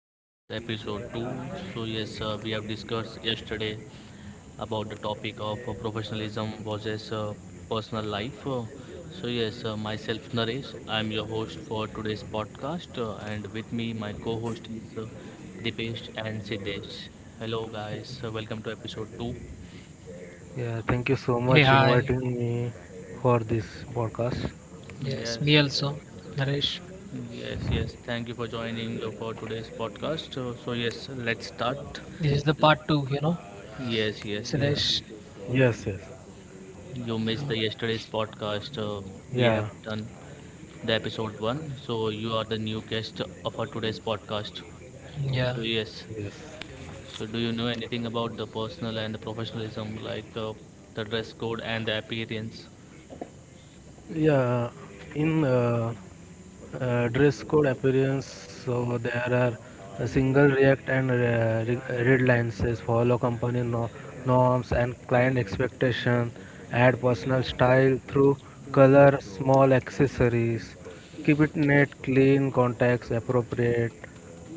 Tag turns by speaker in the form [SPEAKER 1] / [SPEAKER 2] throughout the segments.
[SPEAKER 1] This is episode 2. We have discussed yesterday about the topic of professionalism versus personal life. Myself Naresh, I'm your host for today's podcast and with me my co-host is Dipesh and Siddesh. Hello guys, welcome to episode 2.
[SPEAKER 2] Yeah, thank you so
[SPEAKER 3] Hey,
[SPEAKER 2] much
[SPEAKER 3] hi.
[SPEAKER 2] inviting me for this podcast.
[SPEAKER 3] Yes,
[SPEAKER 1] Yes.
[SPEAKER 3] me also, Naresh.
[SPEAKER 1] Yes, yes. Thank you for joining for today's podcast. Let's start.
[SPEAKER 3] This is the part two,
[SPEAKER 1] Yes, yes,
[SPEAKER 2] Yeah.
[SPEAKER 1] yes.
[SPEAKER 3] Suresh.
[SPEAKER 2] Yes, yes.
[SPEAKER 1] You missed
[SPEAKER 3] Yeah,
[SPEAKER 1] the yesterday's podcast. We have
[SPEAKER 2] Yeah.
[SPEAKER 1] done the episode one, so you are the new guest of our today's podcast.
[SPEAKER 3] yeah,
[SPEAKER 1] So
[SPEAKER 2] Okay.
[SPEAKER 1] yes.
[SPEAKER 2] Yes.
[SPEAKER 1] So do you know anything about the personal and the professionalism, like the dress code and the appearance?
[SPEAKER 2] Yeah, in dress code appearance, so there are a single react and red lines says follow company norms and client expectation, add personal style through color, small accessories, keep it neat, clean, contacts appropriate.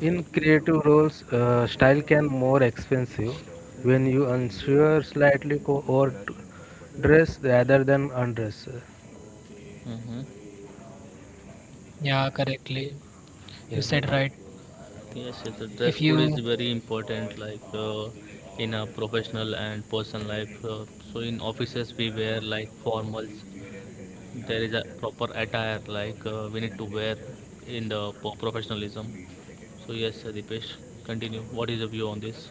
[SPEAKER 2] In creative roles, style can more expensive when you unsure slightly or dress rather than undress.
[SPEAKER 1] Mm-hmm.
[SPEAKER 3] yeah, correctly. You
[SPEAKER 2] Yeah,
[SPEAKER 3] said right.
[SPEAKER 1] Yes, yes, the dress
[SPEAKER 3] If
[SPEAKER 1] code is
[SPEAKER 3] you,
[SPEAKER 1] very important, like in a professional and personal life. So in offices we wear like formals, there is a proper attire, like we need to wear in the professionalism. So yes, Dipesh, continue. What is your view on this?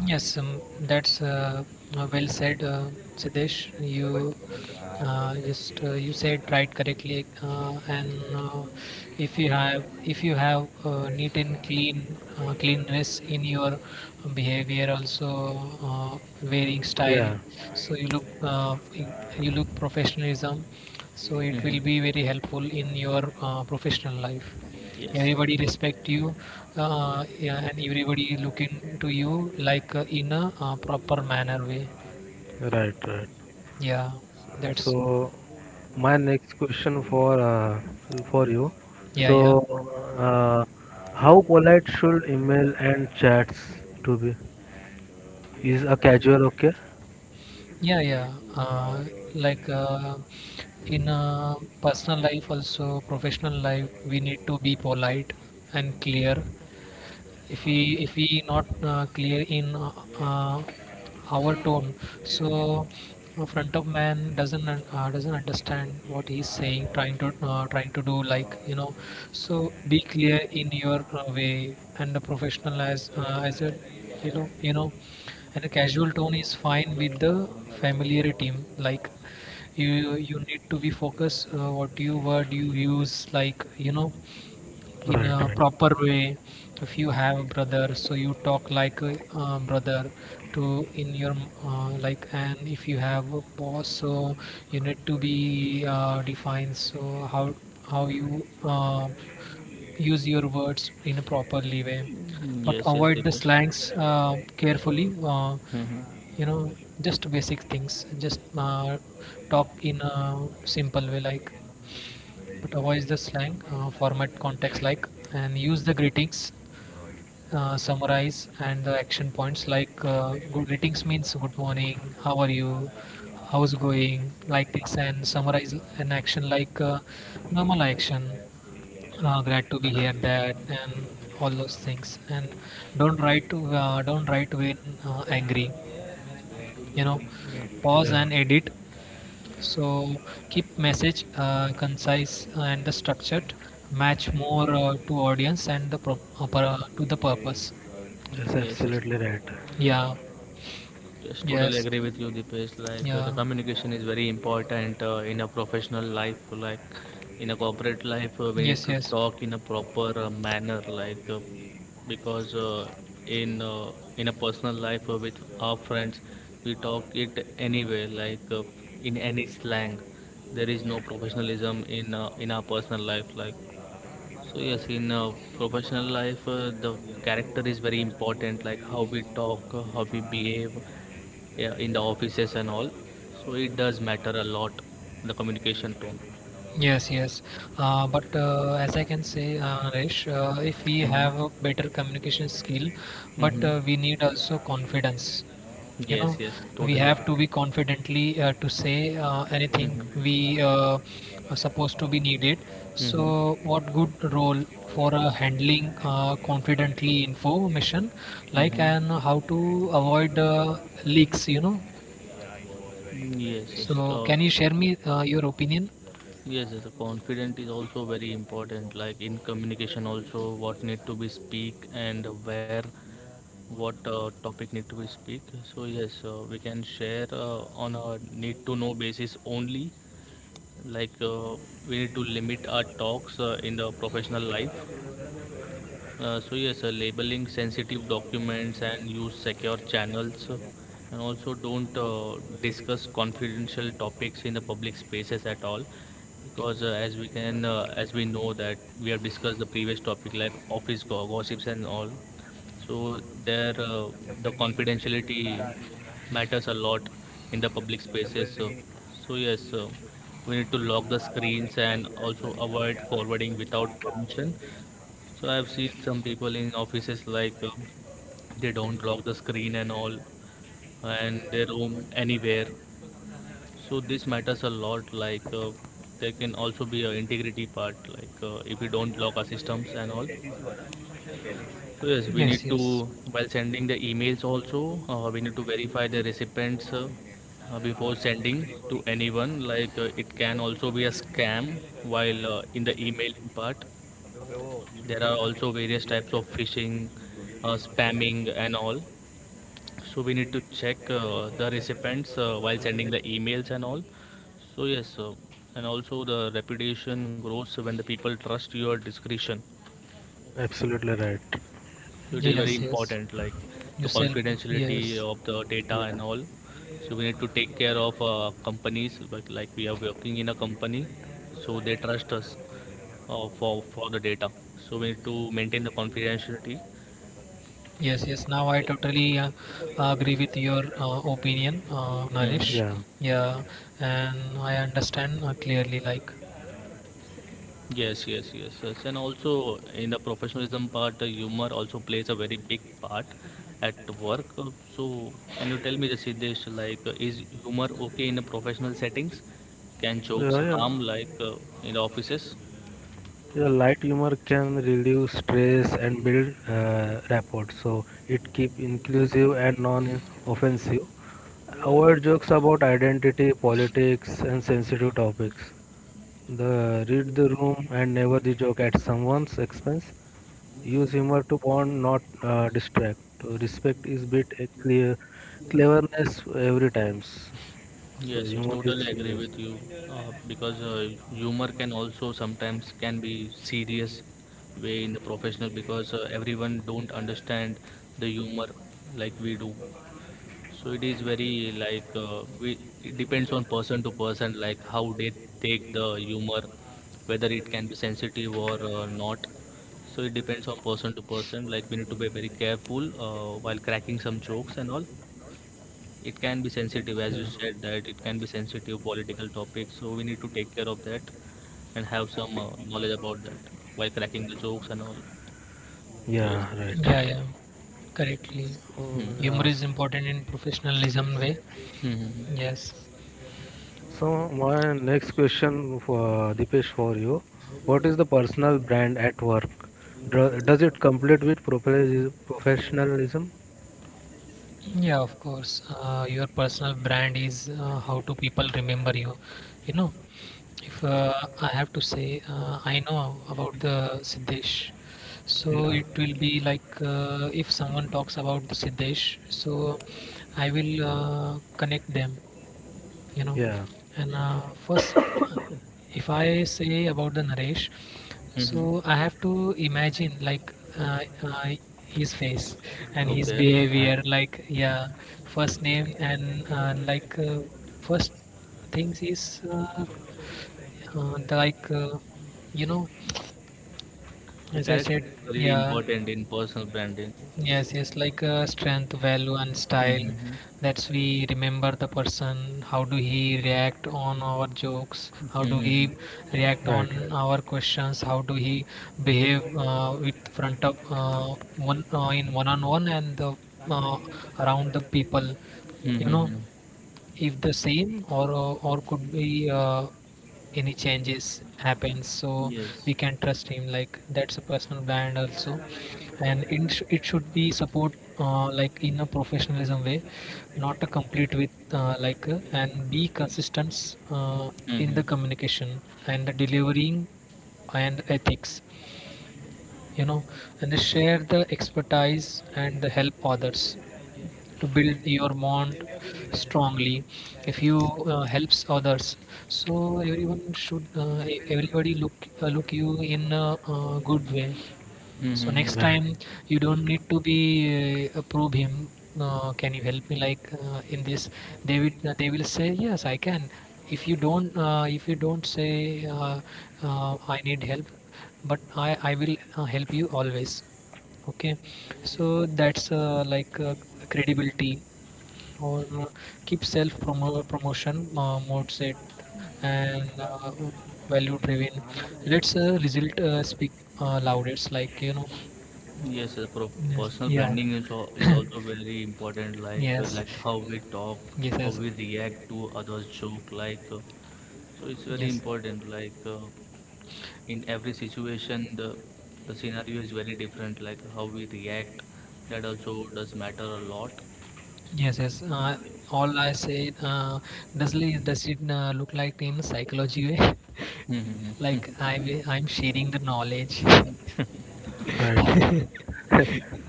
[SPEAKER 3] yes, that's well said, Siddesh. You just you said right correctly, and if you have neat and clean cleanness in your behavior, also wearing style,
[SPEAKER 2] yeah,
[SPEAKER 3] so you look you look professionalism. So it
[SPEAKER 1] Hmm.
[SPEAKER 3] will be very helpful in your professional life,
[SPEAKER 1] Yes.
[SPEAKER 3] everybody respect you, yeah, and everybody look into you like in a proper manner way,
[SPEAKER 2] right, right.
[SPEAKER 3] yeah, that's,
[SPEAKER 2] So my next question for you.
[SPEAKER 3] yeah,
[SPEAKER 2] So
[SPEAKER 3] yeah,
[SPEAKER 2] uh, how polite should email and chats to be? Is a casual okay?
[SPEAKER 3] yeah, yeah, like in a personal life also professional life we need to be polite and clear. If we not clear in uh, our tone, so a front of man doesn't doesn't understand what he's saying, trying to trying to do, like so be clear in your way and the professional as a, you know you know and a casual tone is fine with the familiar team like, you need to be focused what you word you use, in
[SPEAKER 2] Right,
[SPEAKER 3] a
[SPEAKER 2] right.
[SPEAKER 3] proper way. If you have a brother, so you talk like a brother to in your like. And if you have a boss, so you need to be defined, so how you use your words in a properly way,
[SPEAKER 1] Mhm.
[SPEAKER 3] but
[SPEAKER 1] Yes, yes,
[SPEAKER 3] avoid the
[SPEAKER 1] Dipesh.
[SPEAKER 3] slangs carefully,
[SPEAKER 1] Hmm.
[SPEAKER 3] you know just basic things, just talk in a simple way like, but avoid the slang, format context like, and use the greetings, summarize, and the action points like, good greetings means good morning, how are you, how's going, like this, and summarize an action like, normal action, glad to be here, that, and all those things. And don't write when angry, you know, pause
[SPEAKER 2] Yeah,
[SPEAKER 3] and edit, so keep message concise and the structured, match more to audience and the to the purpose.
[SPEAKER 2] that's
[SPEAKER 1] Yes, yes.
[SPEAKER 2] absolutely right.
[SPEAKER 3] Yeah.
[SPEAKER 1] Yes, totally
[SPEAKER 3] Yes.
[SPEAKER 1] agree with you, Dipesh. Like the
[SPEAKER 3] Yeah.
[SPEAKER 1] communication is very important in a professional life. Like in a corporate life, we need
[SPEAKER 3] Yes.
[SPEAKER 1] to
[SPEAKER 3] Yes.
[SPEAKER 1] talk in a proper manner. Like because in In a personal life with our friends, we talk it anyway. Like in any slang, there is no professionalism in our personal life. Like. So yes, in professional life, the character is very important, like how we talk, how we behave, yeah, in the offices and all. So it does matter a lot, the communication tone.
[SPEAKER 3] Yes, yes. But as I can say, Naresh, if we
[SPEAKER 1] Mm-hmm.
[SPEAKER 3] have a better communication skill, but
[SPEAKER 1] Mm-hmm.
[SPEAKER 3] we need also confidence. You know,
[SPEAKER 1] Yes, yes,
[SPEAKER 3] we
[SPEAKER 1] totally
[SPEAKER 3] have
[SPEAKER 1] agree.
[SPEAKER 3] to be confidently to say anything
[SPEAKER 1] Mm-hmm.
[SPEAKER 3] we are supposed to be needed.
[SPEAKER 1] Mm-hmm.
[SPEAKER 3] So, what good role for handling confidently information, like
[SPEAKER 1] Mm-hmm.
[SPEAKER 3] and how to avoid leaks? You know.
[SPEAKER 1] Yes, yes.
[SPEAKER 3] So, can you share me your opinion?
[SPEAKER 1] Yes, yes, confident is also very important. Like in communication, also what need to be speak and where, what topic need to be speak. So yes, we can share on a need to know basis only. Like we need to limit our talks in the professional life. Labeling sensitive documents and use secure channels, and also don't discuss confidential topics in the public spaces at all, because as we know that we have discussed the previous topic like office gossips and all. So there, uh, the confidentiality matters a lot in the public spaces. So we need to lock the screens and also avoid forwarding without permission. So I've seen some people in offices like they don't lock the screen and all, and they roam anywhere. So this matters a lot. Like there can also be a integrity part. Like if you don't lock our systems and all. So yes,
[SPEAKER 3] Yes, yes.
[SPEAKER 1] while sending the emails also, we need to verify the recipients before sending to anyone. Like it can also be a scam while in the email part. There are also various types of phishing, spamming, and all. So we need to check the recipients while sending the emails and all. So yes, and also the reputation grows when the people trust your discretion.
[SPEAKER 2] Absolutely right.
[SPEAKER 1] So it is very
[SPEAKER 3] Yes, yes.
[SPEAKER 1] important, like
[SPEAKER 3] You
[SPEAKER 1] the
[SPEAKER 3] sell me.
[SPEAKER 1] confidentiality
[SPEAKER 3] Yes.
[SPEAKER 1] of the data and
[SPEAKER 2] Yeah,
[SPEAKER 1] all. So we need to take care of companies, but like we are working in a company, so they trust us for the data. So we need to maintain the confidentiality.
[SPEAKER 3] Yes, yes. Now I totally agree with your opinion,
[SPEAKER 1] Mhm.
[SPEAKER 3] Naresh.
[SPEAKER 2] yeah,
[SPEAKER 3] Yeah, and I understand clearly. Like,
[SPEAKER 1] Yes, yes, yes, yes. And also in the professionalism part, humor also plays a very big part at work. So, can you tell me, the Siddesh, like, is humor okay in the professional settings? Can jokes
[SPEAKER 2] yeah, yeah.
[SPEAKER 1] harm, like, in the offices?
[SPEAKER 2] Yeah, light humor can reduce stress and build rapport. So it keep inclusive and non-offensive. Avoid jokes about identity, politics, and sensitive topics. The read the room and never the joke at someone's expense. Use humor to bond, not distract. So respect is bit a clear cleverness every times. So
[SPEAKER 1] Yes, yes,
[SPEAKER 2] humor is
[SPEAKER 1] totally agree
[SPEAKER 2] yes.
[SPEAKER 1] with you. Because Humor can also sometimes can be serious way in the professional because everyone don't understand the humor like we do. So it is very like it depends on person to person, like how they take the humor, whether it can be sensitive or not. So it depends on person to person. Like we need to be very careful while cracking some jokes and all. It can be
[SPEAKER 2] tested Yeah.
[SPEAKER 1] sensitive, as you said that it can be sensitive political topic. So we need to take care of that and have some knowledge about that while cracking the jokes and all. So yes.
[SPEAKER 2] Yeah, right.
[SPEAKER 3] yeah,
[SPEAKER 1] Yes,
[SPEAKER 3] yeah, correctly.
[SPEAKER 2] So,
[SPEAKER 1] yes.
[SPEAKER 3] Humor
[SPEAKER 2] yeah,
[SPEAKER 3] is
[SPEAKER 2] so,
[SPEAKER 3] important in professionalism way.
[SPEAKER 1] Hmm. Hmm. Hmm, hmm.
[SPEAKER 3] Yes.
[SPEAKER 2] so my next question for Dipesh for you. What is the personal brand at work? Do, does it complete with professionalism? Professionalism?
[SPEAKER 3] Yeah, of course. Your personal brand is how do people remember you? You know, if I have to say, I know about the Siddesh. So
[SPEAKER 2] Yeah,
[SPEAKER 3] it will be like if someone talks about the Siddesh, so I will connect them, you know
[SPEAKER 2] yeah.
[SPEAKER 3] and first if I say about the Naresh,
[SPEAKER 1] Hmm, hmm.
[SPEAKER 3] so I have to imagine like his face and his
[SPEAKER 1] Okay.
[SPEAKER 2] Right,
[SPEAKER 3] behavior, like, yeah, first name and like first things is the, like you know
[SPEAKER 1] The
[SPEAKER 3] as I
[SPEAKER 1] character
[SPEAKER 3] said,
[SPEAKER 1] is very
[SPEAKER 3] yeah.
[SPEAKER 1] important in personal branding.
[SPEAKER 3] Yes, yes, like strength, value, and style.
[SPEAKER 1] Mm-hmm.
[SPEAKER 3] That's we remember the person. How do he react on our jokes?
[SPEAKER 1] Mm-hmm.
[SPEAKER 3] How do
[SPEAKER 1] Mm-hmm.
[SPEAKER 3] he react
[SPEAKER 2] right, right,
[SPEAKER 3] on our questions? How do he behave with front of one in one on one and the, uh, around the people?
[SPEAKER 1] Mm-hmm,
[SPEAKER 3] You know,
[SPEAKER 1] mm-hmm.
[SPEAKER 3] if the same or could be any changes happens, so
[SPEAKER 1] Yes.
[SPEAKER 3] we can trust him, like that's a personal brand also, and it should be support like in a professionalism way, not a complete with like and be consistent in the
[SPEAKER 1] Mm-hmm.
[SPEAKER 3] communication and the delivering and ethics, you know and they share the expertise and the help others to build your bond strongly. If you helps others, so everyone should everybody look look you in a good way, so
[SPEAKER 1] Mm-hmm.
[SPEAKER 3] next
[SPEAKER 2] right,
[SPEAKER 3] time you don't need to be probe him. Can you help me like in this? They will say yes, I can. If you don't say I need help, but I will help you always. Okay, so that's like credibility or keep promotion mode set and value driven, let's result speak loud, it's
[SPEAKER 1] Yes,
[SPEAKER 3] yes,
[SPEAKER 1] personal
[SPEAKER 3] yeah
[SPEAKER 1] branding is, is also very important.
[SPEAKER 3] yes,
[SPEAKER 1] Like how we talk,
[SPEAKER 3] yes,
[SPEAKER 1] how
[SPEAKER 3] yes,
[SPEAKER 1] we react to others' joke. Like so, it's very
[SPEAKER 3] yes.
[SPEAKER 1] important. Like in every situation, the scenario is very different. Like how we react, that also does matter a lot.
[SPEAKER 3] Yes, yes. All I say, does it look like in psychology way?
[SPEAKER 1] Mm-hmm.
[SPEAKER 3] Like
[SPEAKER 1] Mm-hmm.
[SPEAKER 3] I will, I'm sharing the knowledge.
[SPEAKER 2] right.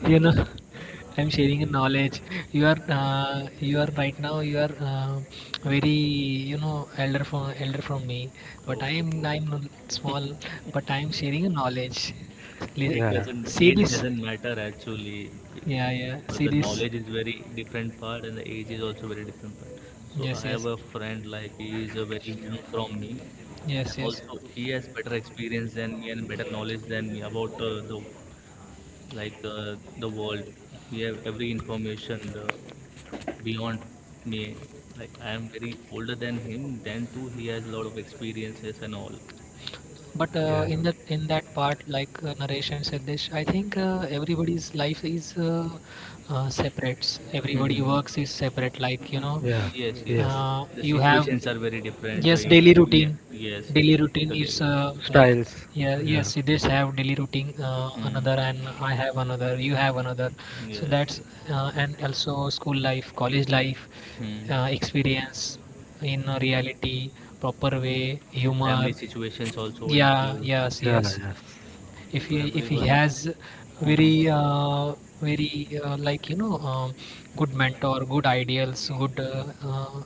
[SPEAKER 3] You know, I'm sharing the knowledge. You are right now. You are very, you know, elder from me. But
[SPEAKER 1] Okay.
[SPEAKER 3] I'm
[SPEAKER 1] Okay.
[SPEAKER 3] not small. But I'm sharing the knowledge. Li-
[SPEAKER 1] It
[SPEAKER 2] Yeah,
[SPEAKER 1] doesn't,
[SPEAKER 3] see
[SPEAKER 1] age
[SPEAKER 3] this?
[SPEAKER 1] doesn't matter actually.
[SPEAKER 3] Yeah, yeah.
[SPEAKER 1] But
[SPEAKER 3] See
[SPEAKER 1] the
[SPEAKER 3] this?
[SPEAKER 1] knowledge is very different part and the age is also very different part. So
[SPEAKER 3] Yes,
[SPEAKER 1] I have
[SPEAKER 3] yes,
[SPEAKER 1] a friend like he is a very young from me
[SPEAKER 3] yes,
[SPEAKER 1] and
[SPEAKER 3] yes.
[SPEAKER 1] also he has better experience than me and better knowledge than me about the like the world. We have every information beyond me. Like I am very older than him. Then too he has a lot of experiences and all.
[SPEAKER 3] But
[SPEAKER 2] yeah.
[SPEAKER 3] in that part, like Naresh and Siddesh, I think everybody's life is separate. Everybody works is separate. Like you know,
[SPEAKER 2] Yeah,
[SPEAKER 1] Yes, yes,
[SPEAKER 2] yes.
[SPEAKER 1] yes. The
[SPEAKER 3] you have,
[SPEAKER 1] situations are very different.
[SPEAKER 3] yes, daily routine.
[SPEAKER 1] Yes, yes,
[SPEAKER 3] Daily routine
[SPEAKER 1] totally
[SPEAKER 3] is
[SPEAKER 1] agree.
[SPEAKER 3] like,
[SPEAKER 2] Styles.
[SPEAKER 3] yeah,
[SPEAKER 2] Yeah,
[SPEAKER 3] yes, Siddesh have daily routine
[SPEAKER 1] Mm,
[SPEAKER 3] another, and I have another. You have another. So
[SPEAKER 1] yes,
[SPEAKER 3] that's
[SPEAKER 1] yes.
[SPEAKER 3] and also school life, college life,
[SPEAKER 1] Mm.
[SPEAKER 3] experience in a reality, proper way,
[SPEAKER 1] And family
[SPEAKER 3] humor,
[SPEAKER 1] situations also
[SPEAKER 3] yeah,
[SPEAKER 1] include.
[SPEAKER 3] yes,
[SPEAKER 2] yeah,
[SPEAKER 3] yes.
[SPEAKER 2] yes,
[SPEAKER 3] If
[SPEAKER 1] So
[SPEAKER 3] he if he
[SPEAKER 1] everyone.
[SPEAKER 3] has
[SPEAKER 1] Mm-hmm.
[SPEAKER 3] very uh, very like good mentor, good ideals,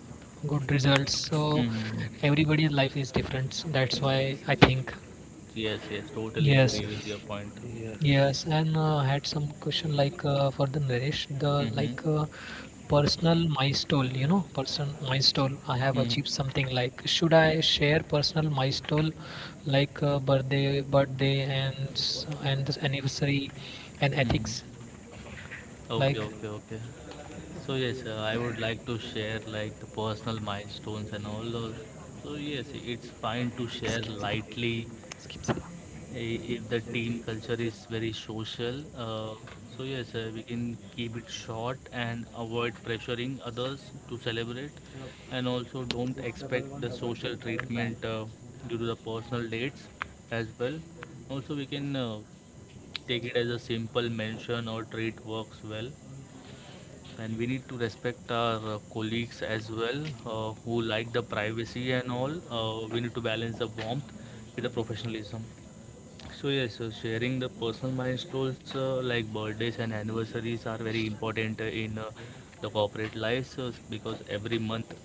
[SPEAKER 3] good results. So
[SPEAKER 1] Mm-hmm.
[SPEAKER 3] everybody's life is different. So that's why I think
[SPEAKER 1] Yes, yes, totally
[SPEAKER 3] yes.
[SPEAKER 1] agree with
[SPEAKER 2] yes,
[SPEAKER 1] your point.
[SPEAKER 2] yes,
[SPEAKER 3] Yes, and had some question like for the Naresh, the
[SPEAKER 1] Mm-hmm.
[SPEAKER 3] like personal milestone, you know, person milestone. I have
[SPEAKER 1] Mm-hmm.
[SPEAKER 3] achieved something like, should I share personal milestone like birthday and this anniversary and ethics
[SPEAKER 1] Mm-hmm. Okay,
[SPEAKER 3] like,
[SPEAKER 1] okay, okay. So yes, I would like to share like the personal milestones and all those. So yes, it's fine to share
[SPEAKER 3] skip Sala,
[SPEAKER 1] lightly
[SPEAKER 3] skip Sala.
[SPEAKER 1] if the team culture is very social, so yes, we can keep it short and avoid pressuring others to celebrate, and also don't expect the social treatment due to the personal dates as well. Also we can take it as a simple mention or treat works well, and we need to respect our colleagues as well, who like the privacy and all. We need to balance the warmth with the professionalism. So yes, so sharing the personal milestones, like birthdays and anniversaries, are very important in the corporate lives, because every month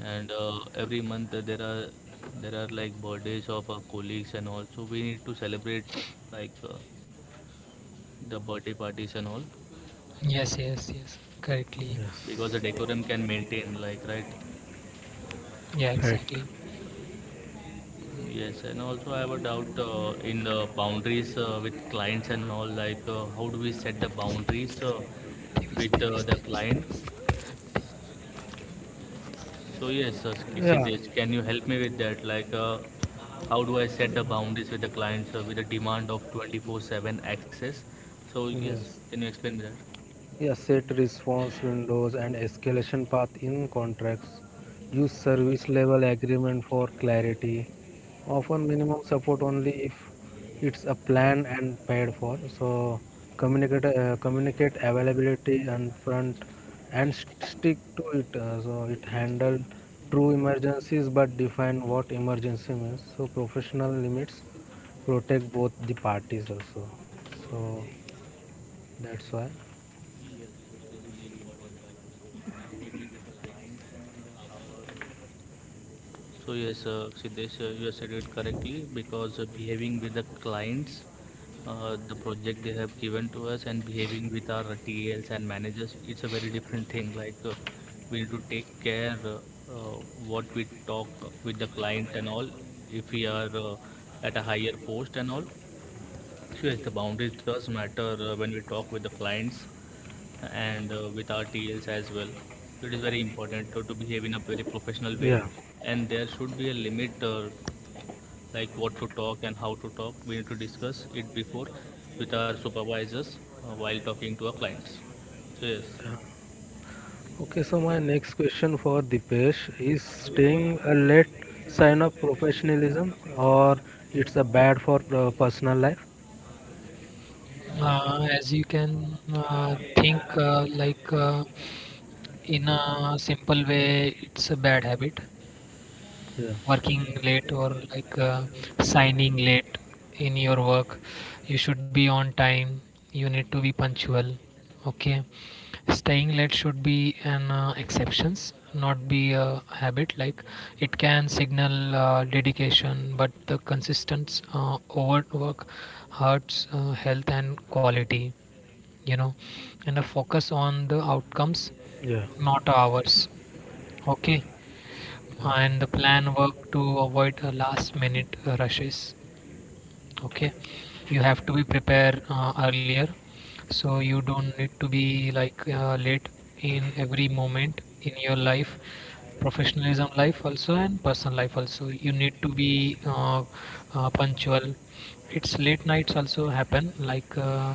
[SPEAKER 1] and uh, every month uh, there are like birthdays of our colleagues and all. So we need to celebrate like the birthday parties and all,
[SPEAKER 3] Yes, yes, yes, correctly.
[SPEAKER 1] because the decorum
[SPEAKER 2] yes.
[SPEAKER 1] can maintain, like, right.
[SPEAKER 3] Yeah,
[SPEAKER 2] Right.
[SPEAKER 3] exactly.
[SPEAKER 1] Yes, and also I have a doubt in the boundaries with clients and all. Like, how do we set the boundaries
[SPEAKER 3] Davis,
[SPEAKER 1] with
[SPEAKER 3] Davis,
[SPEAKER 1] the
[SPEAKER 3] Davis,
[SPEAKER 1] clients?
[SPEAKER 3] Davis.
[SPEAKER 1] So yes,
[SPEAKER 2] Yeah,
[SPEAKER 1] Siddesh, can you help me with that? Like, how do I set the boundaries with the clients with the demand of 24/7 access? So yes,
[SPEAKER 2] yes.
[SPEAKER 1] can you explain me that?
[SPEAKER 2] Yeah, set response windows and escalation path in contracts. Use service level agreement for clarity. Offer minimum support only if it's a plan and paid for. So communicate availability and front and stick to it. So it handle true emergencies but define what emergency means. So professional limits protect both the parties also. So that's why.
[SPEAKER 1] So yes, Siddesh, you have said it correctly because behaving with the clients, the project they have given to us, and behaving with our TLs and managers, it's a very different thing. Like we need to take care uh, what we talk with the client and all. If we are at a higher post and all, so yes, the boundaries does matter when we talk with the clients and with our TLs as well. So it is very important to behave in a very professional way,
[SPEAKER 2] Yeah.
[SPEAKER 1] and there should be a limit, like what to talk and how to talk. We need to discuss it before with our supervisors while talking to our clients. So yes,
[SPEAKER 2] Okay, so my next question for Dipesh is staying a late sign of professionalism or it's a bad for personal life?
[SPEAKER 3] As you can think like in a simple way, it's a bad habit,
[SPEAKER 2] Yeah,
[SPEAKER 3] working late or like signing late in your work. You should be on time. You need to be punctual. Okay, staying late should be an exceptions, not be a habit. Like, it can signal dedication, but the consistent overwork hurts health and quality, you know, and a focus on the outcomes,
[SPEAKER 2] yeah,
[SPEAKER 3] not hours. Okay, and the plan worked to avoid last minute rushes. Okay, you have to be prepared earlier, so you don't need to be like late in every moment in your life. Professionalism life also and personal life also, you need to be punctual. It's late nights also happen like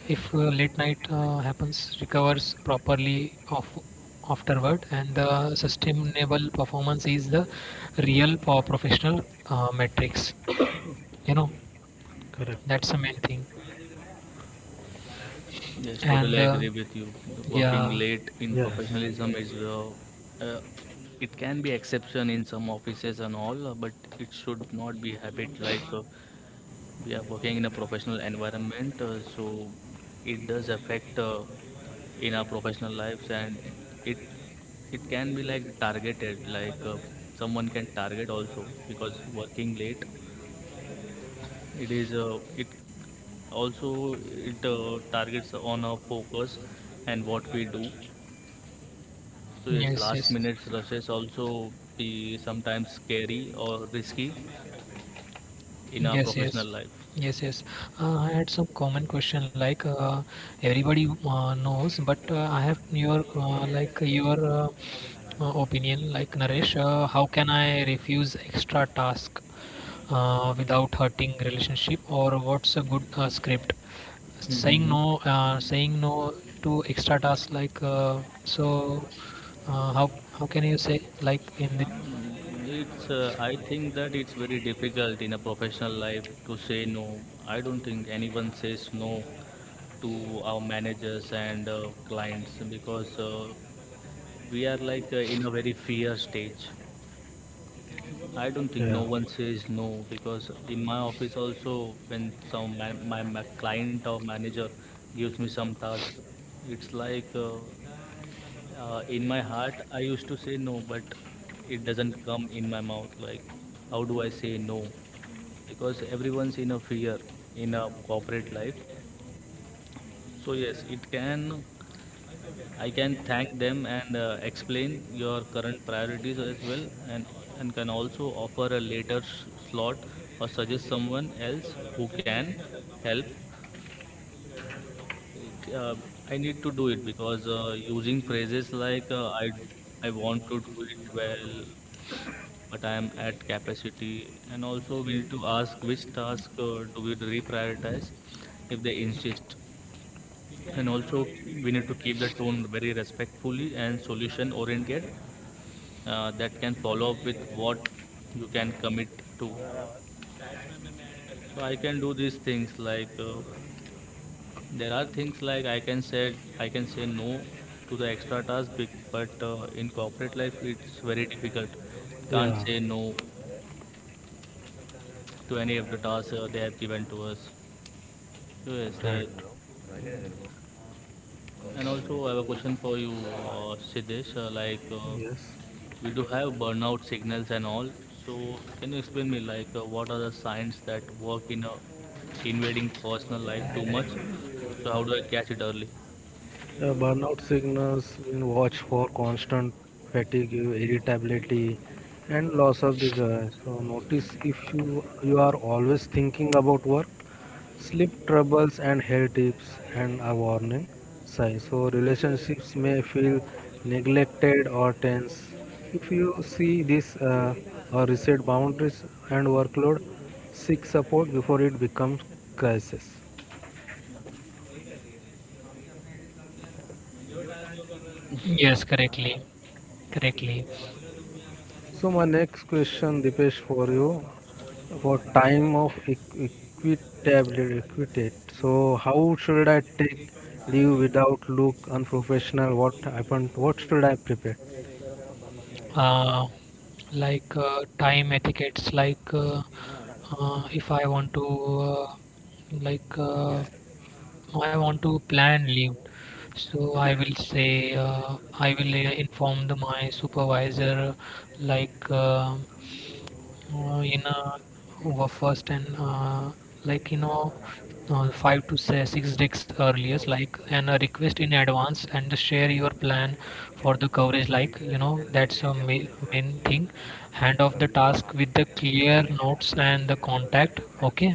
[SPEAKER 3] if late night happens, recovers properly of afterward, and the sustainable performance is the real professional metrics you know,
[SPEAKER 2] correct.
[SPEAKER 3] that's the main thing.
[SPEAKER 1] yes,
[SPEAKER 3] And
[SPEAKER 1] totally agree with you. Working
[SPEAKER 3] yeah,
[SPEAKER 1] late in
[SPEAKER 2] Yes,
[SPEAKER 1] professionalism is uh, it can be exception in some offices and all, but it should not be habit like. We are working in a professional environment, so it does affect in our professional lives, and it it can be like targeted, like someone can target also because working late, it also it targets on our focus and what we do. So yes,
[SPEAKER 3] yes,
[SPEAKER 1] last
[SPEAKER 3] yes,
[SPEAKER 1] minute rushes also be sometimes scary or risky in our
[SPEAKER 3] yes,
[SPEAKER 1] professional
[SPEAKER 3] yes,
[SPEAKER 1] life.
[SPEAKER 3] yes, yes. I had some common question like everybody knows, but I have your like your opinion, like Naresh. How can I refuse extra task without hurting relationship, or what's a good script,
[SPEAKER 1] Mm-hmm.
[SPEAKER 3] saying no to extra tasks like so how can you say like in the
[SPEAKER 1] It's, I think that it's very difficult in a professional life to say no. I don't think anyone says no to our managers and clients because we are like in a very fear stage. I don't think
[SPEAKER 2] yeah,
[SPEAKER 1] no one says no because in my office also when my client or manager gives me some task, it's like in my heart I used to say no, but it doesn't come in my mouth, like, how do I say no? Because everyone's in a fear in a corporate life. So yes it can, I can thank them and explain your current priorities as well, and can also offer a later slot or suggest someone else who can help. uh, I need to do it because using phrases like I want to do it well, but I am at capacity. And also we need to ask which task do we reprioritize if they insist. And also we need to keep the tone very respectfully and solution oriented, that can follow up with what you can commit to. So I can do these things like there are things like I can say, I can say no to the extra task but in corporate life it's very difficult. Can't
[SPEAKER 2] yeah,
[SPEAKER 1] say no to any of the tasks they have given to us. So yes
[SPEAKER 2] right.
[SPEAKER 1] the. And also, I have a question for you, Siddesh.
[SPEAKER 2] Yes,
[SPEAKER 1] We do have burnout signals and all. So, can you explain me, what are the signs that work in a invading personal life too much? So, how do I catch it early?
[SPEAKER 2] Yeah, burnout signals in watch for constant fatigue, irritability, and loss of the joy. So notice if you are always thinking about work, sleep troubles, and hair tips, and a warning sign. So relationships may feel neglected or tense. If you see this or reset boundaries and workload, seek support before it becomes crisis.
[SPEAKER 3] yes, correctly, correctly,
[SPEAKER 2] So my next question, Dipesh, for you for time of equitability, equitate. So how should I take leave without look unprofessional? What happened? What should I prepare?
[SPEAKER 3] uh, like time etiquettes like if I want to uh, like I want to plan leave. So I will say I will inform the my supervisor like in were first and like you know five to say 6 days earlier, like, and a request in advance and share your plan for the coverage, that's a ma- main thing. Hand off the task with the clear notes and the contact. Okay,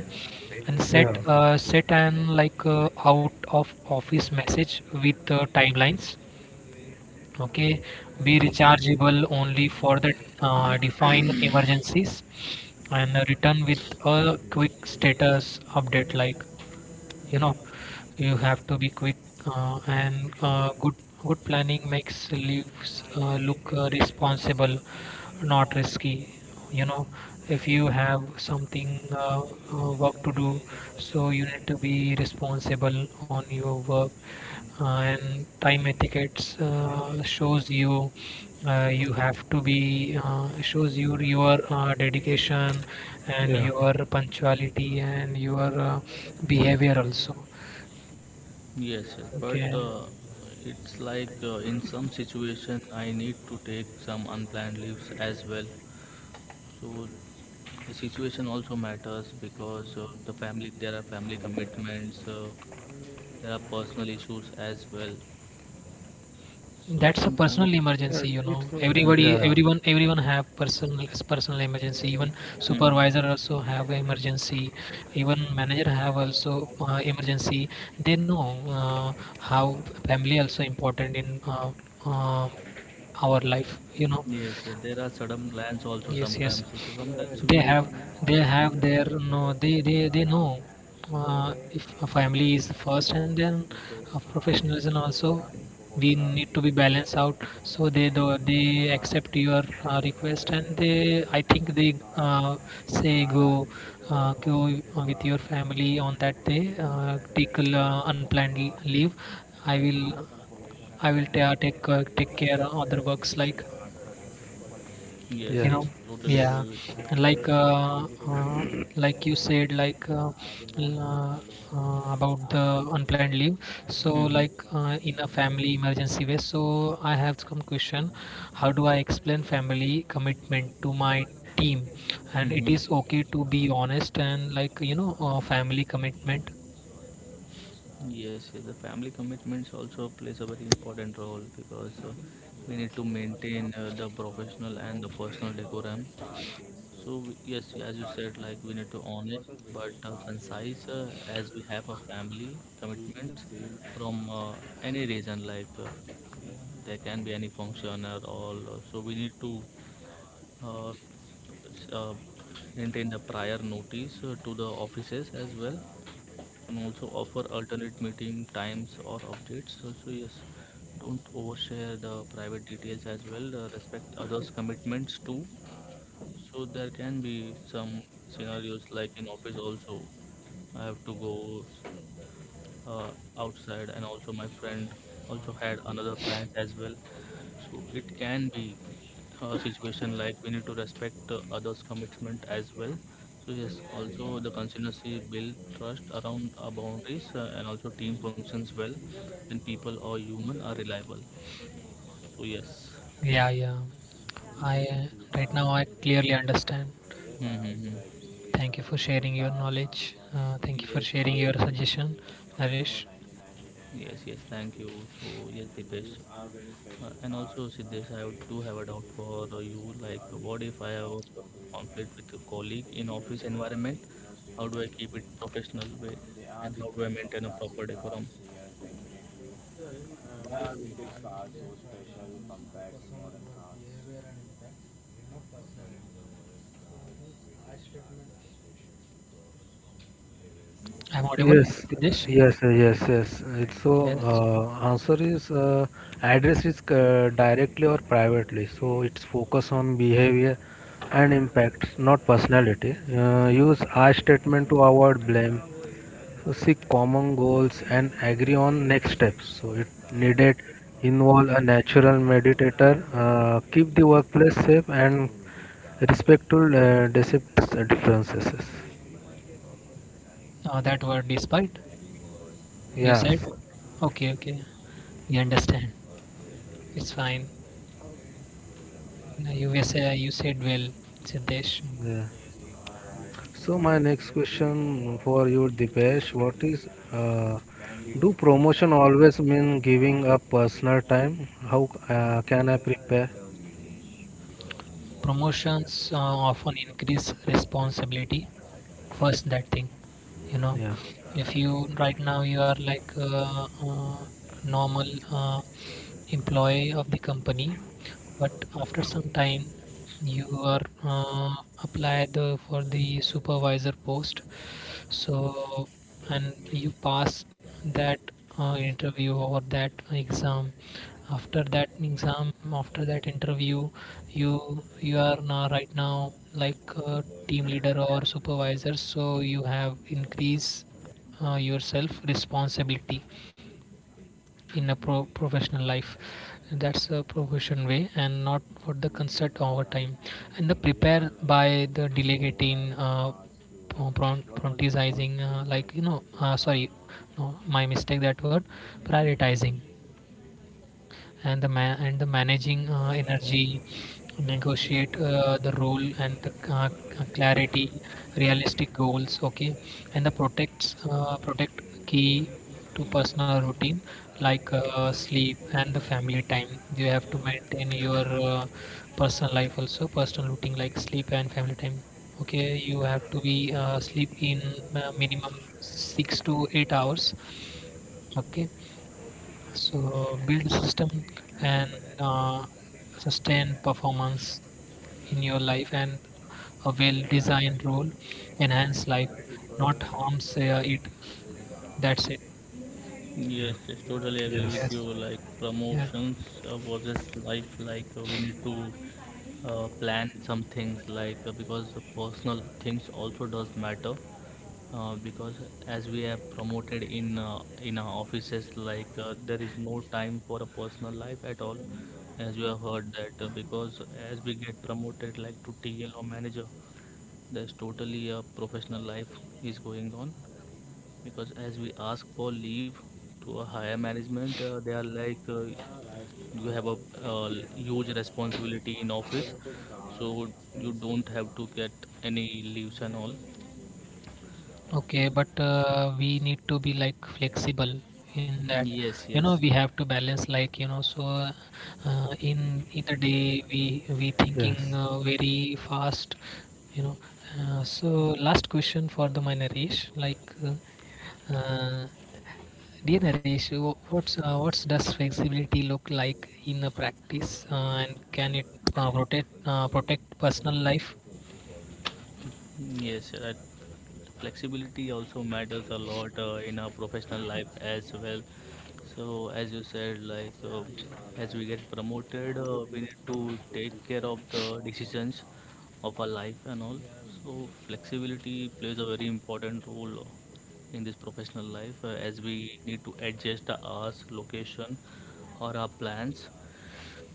[SPEAKER 3] and set
[SPEAKER 2] Yeah,
[SPEAKER 3] set an like out of office message with timelines. Okay, be rechargeable only for the defined emergencies, and return with a quick status update like, you know, you have to be quick and good, good planning makes leaves look responsible, not risky, you know. If you have something work to do, so you need to be responsible on your work uh, and time etiquettes shows you you have to be shows you your dedication and
[SPEAKER 2] yeah,
[SPEAKER 3] your punctuality and your behavior also.
[SPEAKER 1] Yes, yes. But
[SPEAKER 3] Okay.
[SPEAKER 1] it's like in some situation, I need to take some unplanned leaves as well. So the situation also matters because the family, there are family commitments, there are personal issues as well. So
[SPEAKER 3] That's a
[SPEAKER 1] sometimes,
[SPEAKER 3] personal
[SPEAKER 2] yeah.
[SPEAKER 3] emergency, you
[SPEAKER 2] It's
[SPEAKER 3] know.
[SPEAKER 1] mhm,
[SPEAKER 3] Everybody,
[SPEAKER 2] yeah,
[SPEAKER 3] everyone, everyone have personal emergency. Even
[SPEAKER 1] mhm.
[SPEAKER 3] supervisor also have a emergency. Even manager have also emergency. They know uh, how family also important in uh, our life. You know.
[SPEAKER 1] Yes, yes, there are sudden plans also
[SPEAKER 3] Yes, yes,
[SPEAKER 1] sometimes. So sometimes
[SPEAKER 3] they
[SPEAKER 1] we,
[SPEAKER 3] have, they have their, no, they, they know if a family is first, and then a professionalism also, we need to be balanced out. So they do, they accept your request, and they, I think they say go go with your family on that day, take unplanned leave. I will i will take take care of other works like,
[SPEAKER 1] yes,
[SPEAKER 2] yeah.
[SPEAKER 3] you
[SPEAKER 1] yes,
[SPEAKER 3] know.
[SPEAKER 1] totally agree
[SPEAKER 3] Yeah,
[SPEAKER 1] with you.
[SPEAKER 3] like uh, uh, like you said like l- uh, about the unplanned leave, so like
[SPEAKER 1] Mm-hmm.
[SPEAKER 3] in a family emergency way, so I have some question: how do I explain family commitment to my team, and it is
[SPEAKER 1] Mm-hmm.
[SPEAKER 3] okay to be honest, and like you know, family commitment.
[SPEAKER 1] Yes, yes, the family commitments also plays a very important role because we need to maintain the professional and the personal decorum. So yes, as you said, like we need to honest but concise, as we have a family commitments from any reason, there can be any function or all. So we need to uh, s- uh, maintain the prior notice to the offices as well, and also offer alternate meeting times or updates. So, so yes, don't overshare the private details as well. Respect others' commitments too. So there can be some scenarios like in office also. I have to go outside, and also my friend also had another plan as well. So it can be a situation like we need to respect others' commitment as well. So yes, also the consistency build trust around our boundaries and also team functions well when people or human are reliable. So yes.
[SPEAKER 3] Yeah, yeah. I right now I clearly understand.
[SPEAKER 1] Mm-hmm.
[SPEAKER 3] Thank you for sharing your knowledge. Thank you for
[SPEAKER 1] Yes,
[SPEAKER 3] sharing
[SPEAKER 1] yes.
[SPEAKER 3] your suggestion, Naresh.
[SPEAKER 1] Yes, yes, thank you. So, yes, Dipesh, and also Siddesh, I would- do have a doubt for you. What if I have a personal conflict with a colleague in office environment? How do I keep it professional way, and how do I maintain a proper decorum?
[SPEAKER 3] I'm audible,
[SPEAKER 2] Yes,
[SPEAKER 3] Siddesh?
[SPEAKER 2] yes, yes, yes. It's so
[SPEAKER 3] Yes.
[SPEAKER 2] answer is address is directly or privately. So it's focus on behavior and impact, not personality. Use I statement to avoid blame. So seek common goals and agree on next steps. So it needed involve a natural meditator. Keep the workplace safe and respectful differences.
[SPEAKER 3] That word despite you said.
[SPEAKER 2] Yes.
[SPEAKER 3] Okay, okay. We understand. It's fine. No, you were say you said well, Siddesh.
[SPEAKER 2] Yeah. So my next question for you, Dipesh, what is uh, do promotion always mean giving up personal time? How can I prepare?
[SPEAKER 3] Promotions often increase responsibility. First, that thing, you know,
[SPEAKER 2] Yeah,
[SPEAKER 3] if you right now you are like a, normal uh, employee of the company, but after some time you are applied for the supervisor post. So, and you pass that interview or that exam, after that exam, after that interview, you are now right now like a team leader or supervisor, so you have increased yourself responsibility in a professional life. That's a profession way, and not for the concert over time, and the prepare by the delegating pro- prioritizing sorry, no, my mistake, that word, prioritizing and the and the managing energy, negotiate the role and the clarity, realistic goals. Okay, and the protects protect key to personal routine like sleep and the family time. You have to maintain your personal life also, personal routine like sleep and family time. Okay, you have to be sleep in minimum 6 to 8 hours. Okay, so build system and uh, sustain performance in your life, and a well-designed role enhance life, not harms it. That's it.
[SPEAKER 2] yeah,
[SPEAKER 1] Yes, yes, totally agree with
[SPEAKER 2] yes,
[SPEAKER 1] you.
[SPEAKER 3] Yes.
[SPEAKER 1] Like
[SPEAKER 3] Yeah.
[SPEAKER 1] promotions versus life, we need to plan some things, because the personal things also does matter. Because as we have promoted in our offices there is no time for a personal life at all, as you have heard that because as we get promoted like to TL or manager, there's totally a professional life is going on. Because as we ask for leave to a higher management, they are like you have a huge responsibility in office, so you don't have to get any leaves and all.
[SPEAKER 3] Okay, but we need to be like flexible in
[SPEAKER 1] Mm,
[SPEAKER 3] that.
[SPEAKER 1] yes
[SPEAKER 3] You know,
[SPEAKER 1] yes.
[SPEAKER 3] we have to balance like, you know, so in the day we thinking
[SPEAKER 2] yes,
[SPEAKER 3] very fast, you know. So, last question for the my Naresh, like uh, dear Naresh, what's does flexibility look like in a practice, and can it protect personal life?
[SPEAKER 1] Yes, flexibility also matters a lot in our professional life as well. So, as you said, as we get promoted, we need to take care of the decisions of our life and all. So, flexibility plays a very important role in this professional life as we need to adjust our hours, location, or our plans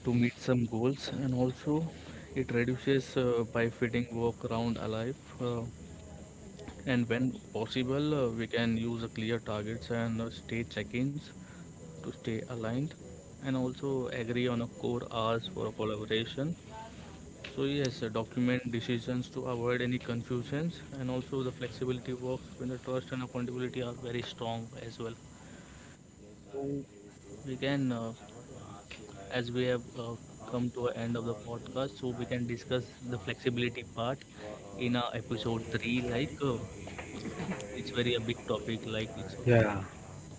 [SPEAKER 1] to meet some goals, and also it reduces by fitting work around our life. And when possible, we can use a clear targets and stay check-ins to stay aligned, and also agree on a core hours for a collaboration. So yes, document decisions to avoid any confusions, and also the flexibility works when the trust and accountability are very strong as well. So we can, as we have come to a end of the podcast, so we can discuss the flexibility part in episode three. It's very a big topic, like it's
[SPEAKER 2] yeah,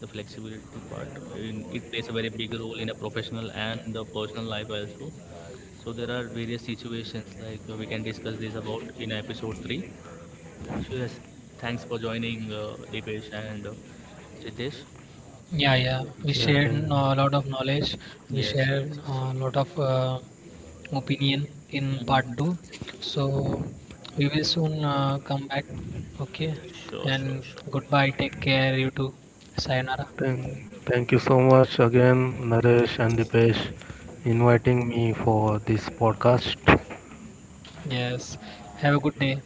[SPEAKER 1] the flexibility part in, it plays a very big role in a professional and the personal life also. So there are various situations like we can discuss this about in episode 3. So yes, thanks for joining Dipesh and Siddesh.
[SPEAKER 3] Yeah, yeah. We
[SPEAKER 2] yeah.
[SPEAKER 3] shared a lot of knowledge. We
[SPEAKER 1] Yes
[SPEAKER 3] shared
[SPEAKER 1] yes,
[SPEAKER 3] a lot of opinion
[SPEAKER 1] yes.
[SPEAKER 3] in part
[SPEAKER 1] Mhm.
[SPEAKER 3] two. So we will soon come back. Okay.
[SPEAKER 1] Sure sure
[SPEAKER 3] And
[SPEAKER 1] sure.
[SPEAKER 3] goodbye. Take care. You too. Sayonara.
[SPEAKER 2] Thank, Thank you so much again, Naresh and Dipesh, inviting me for this podcast.
[SPEAKER 3] Yes. Have a good day.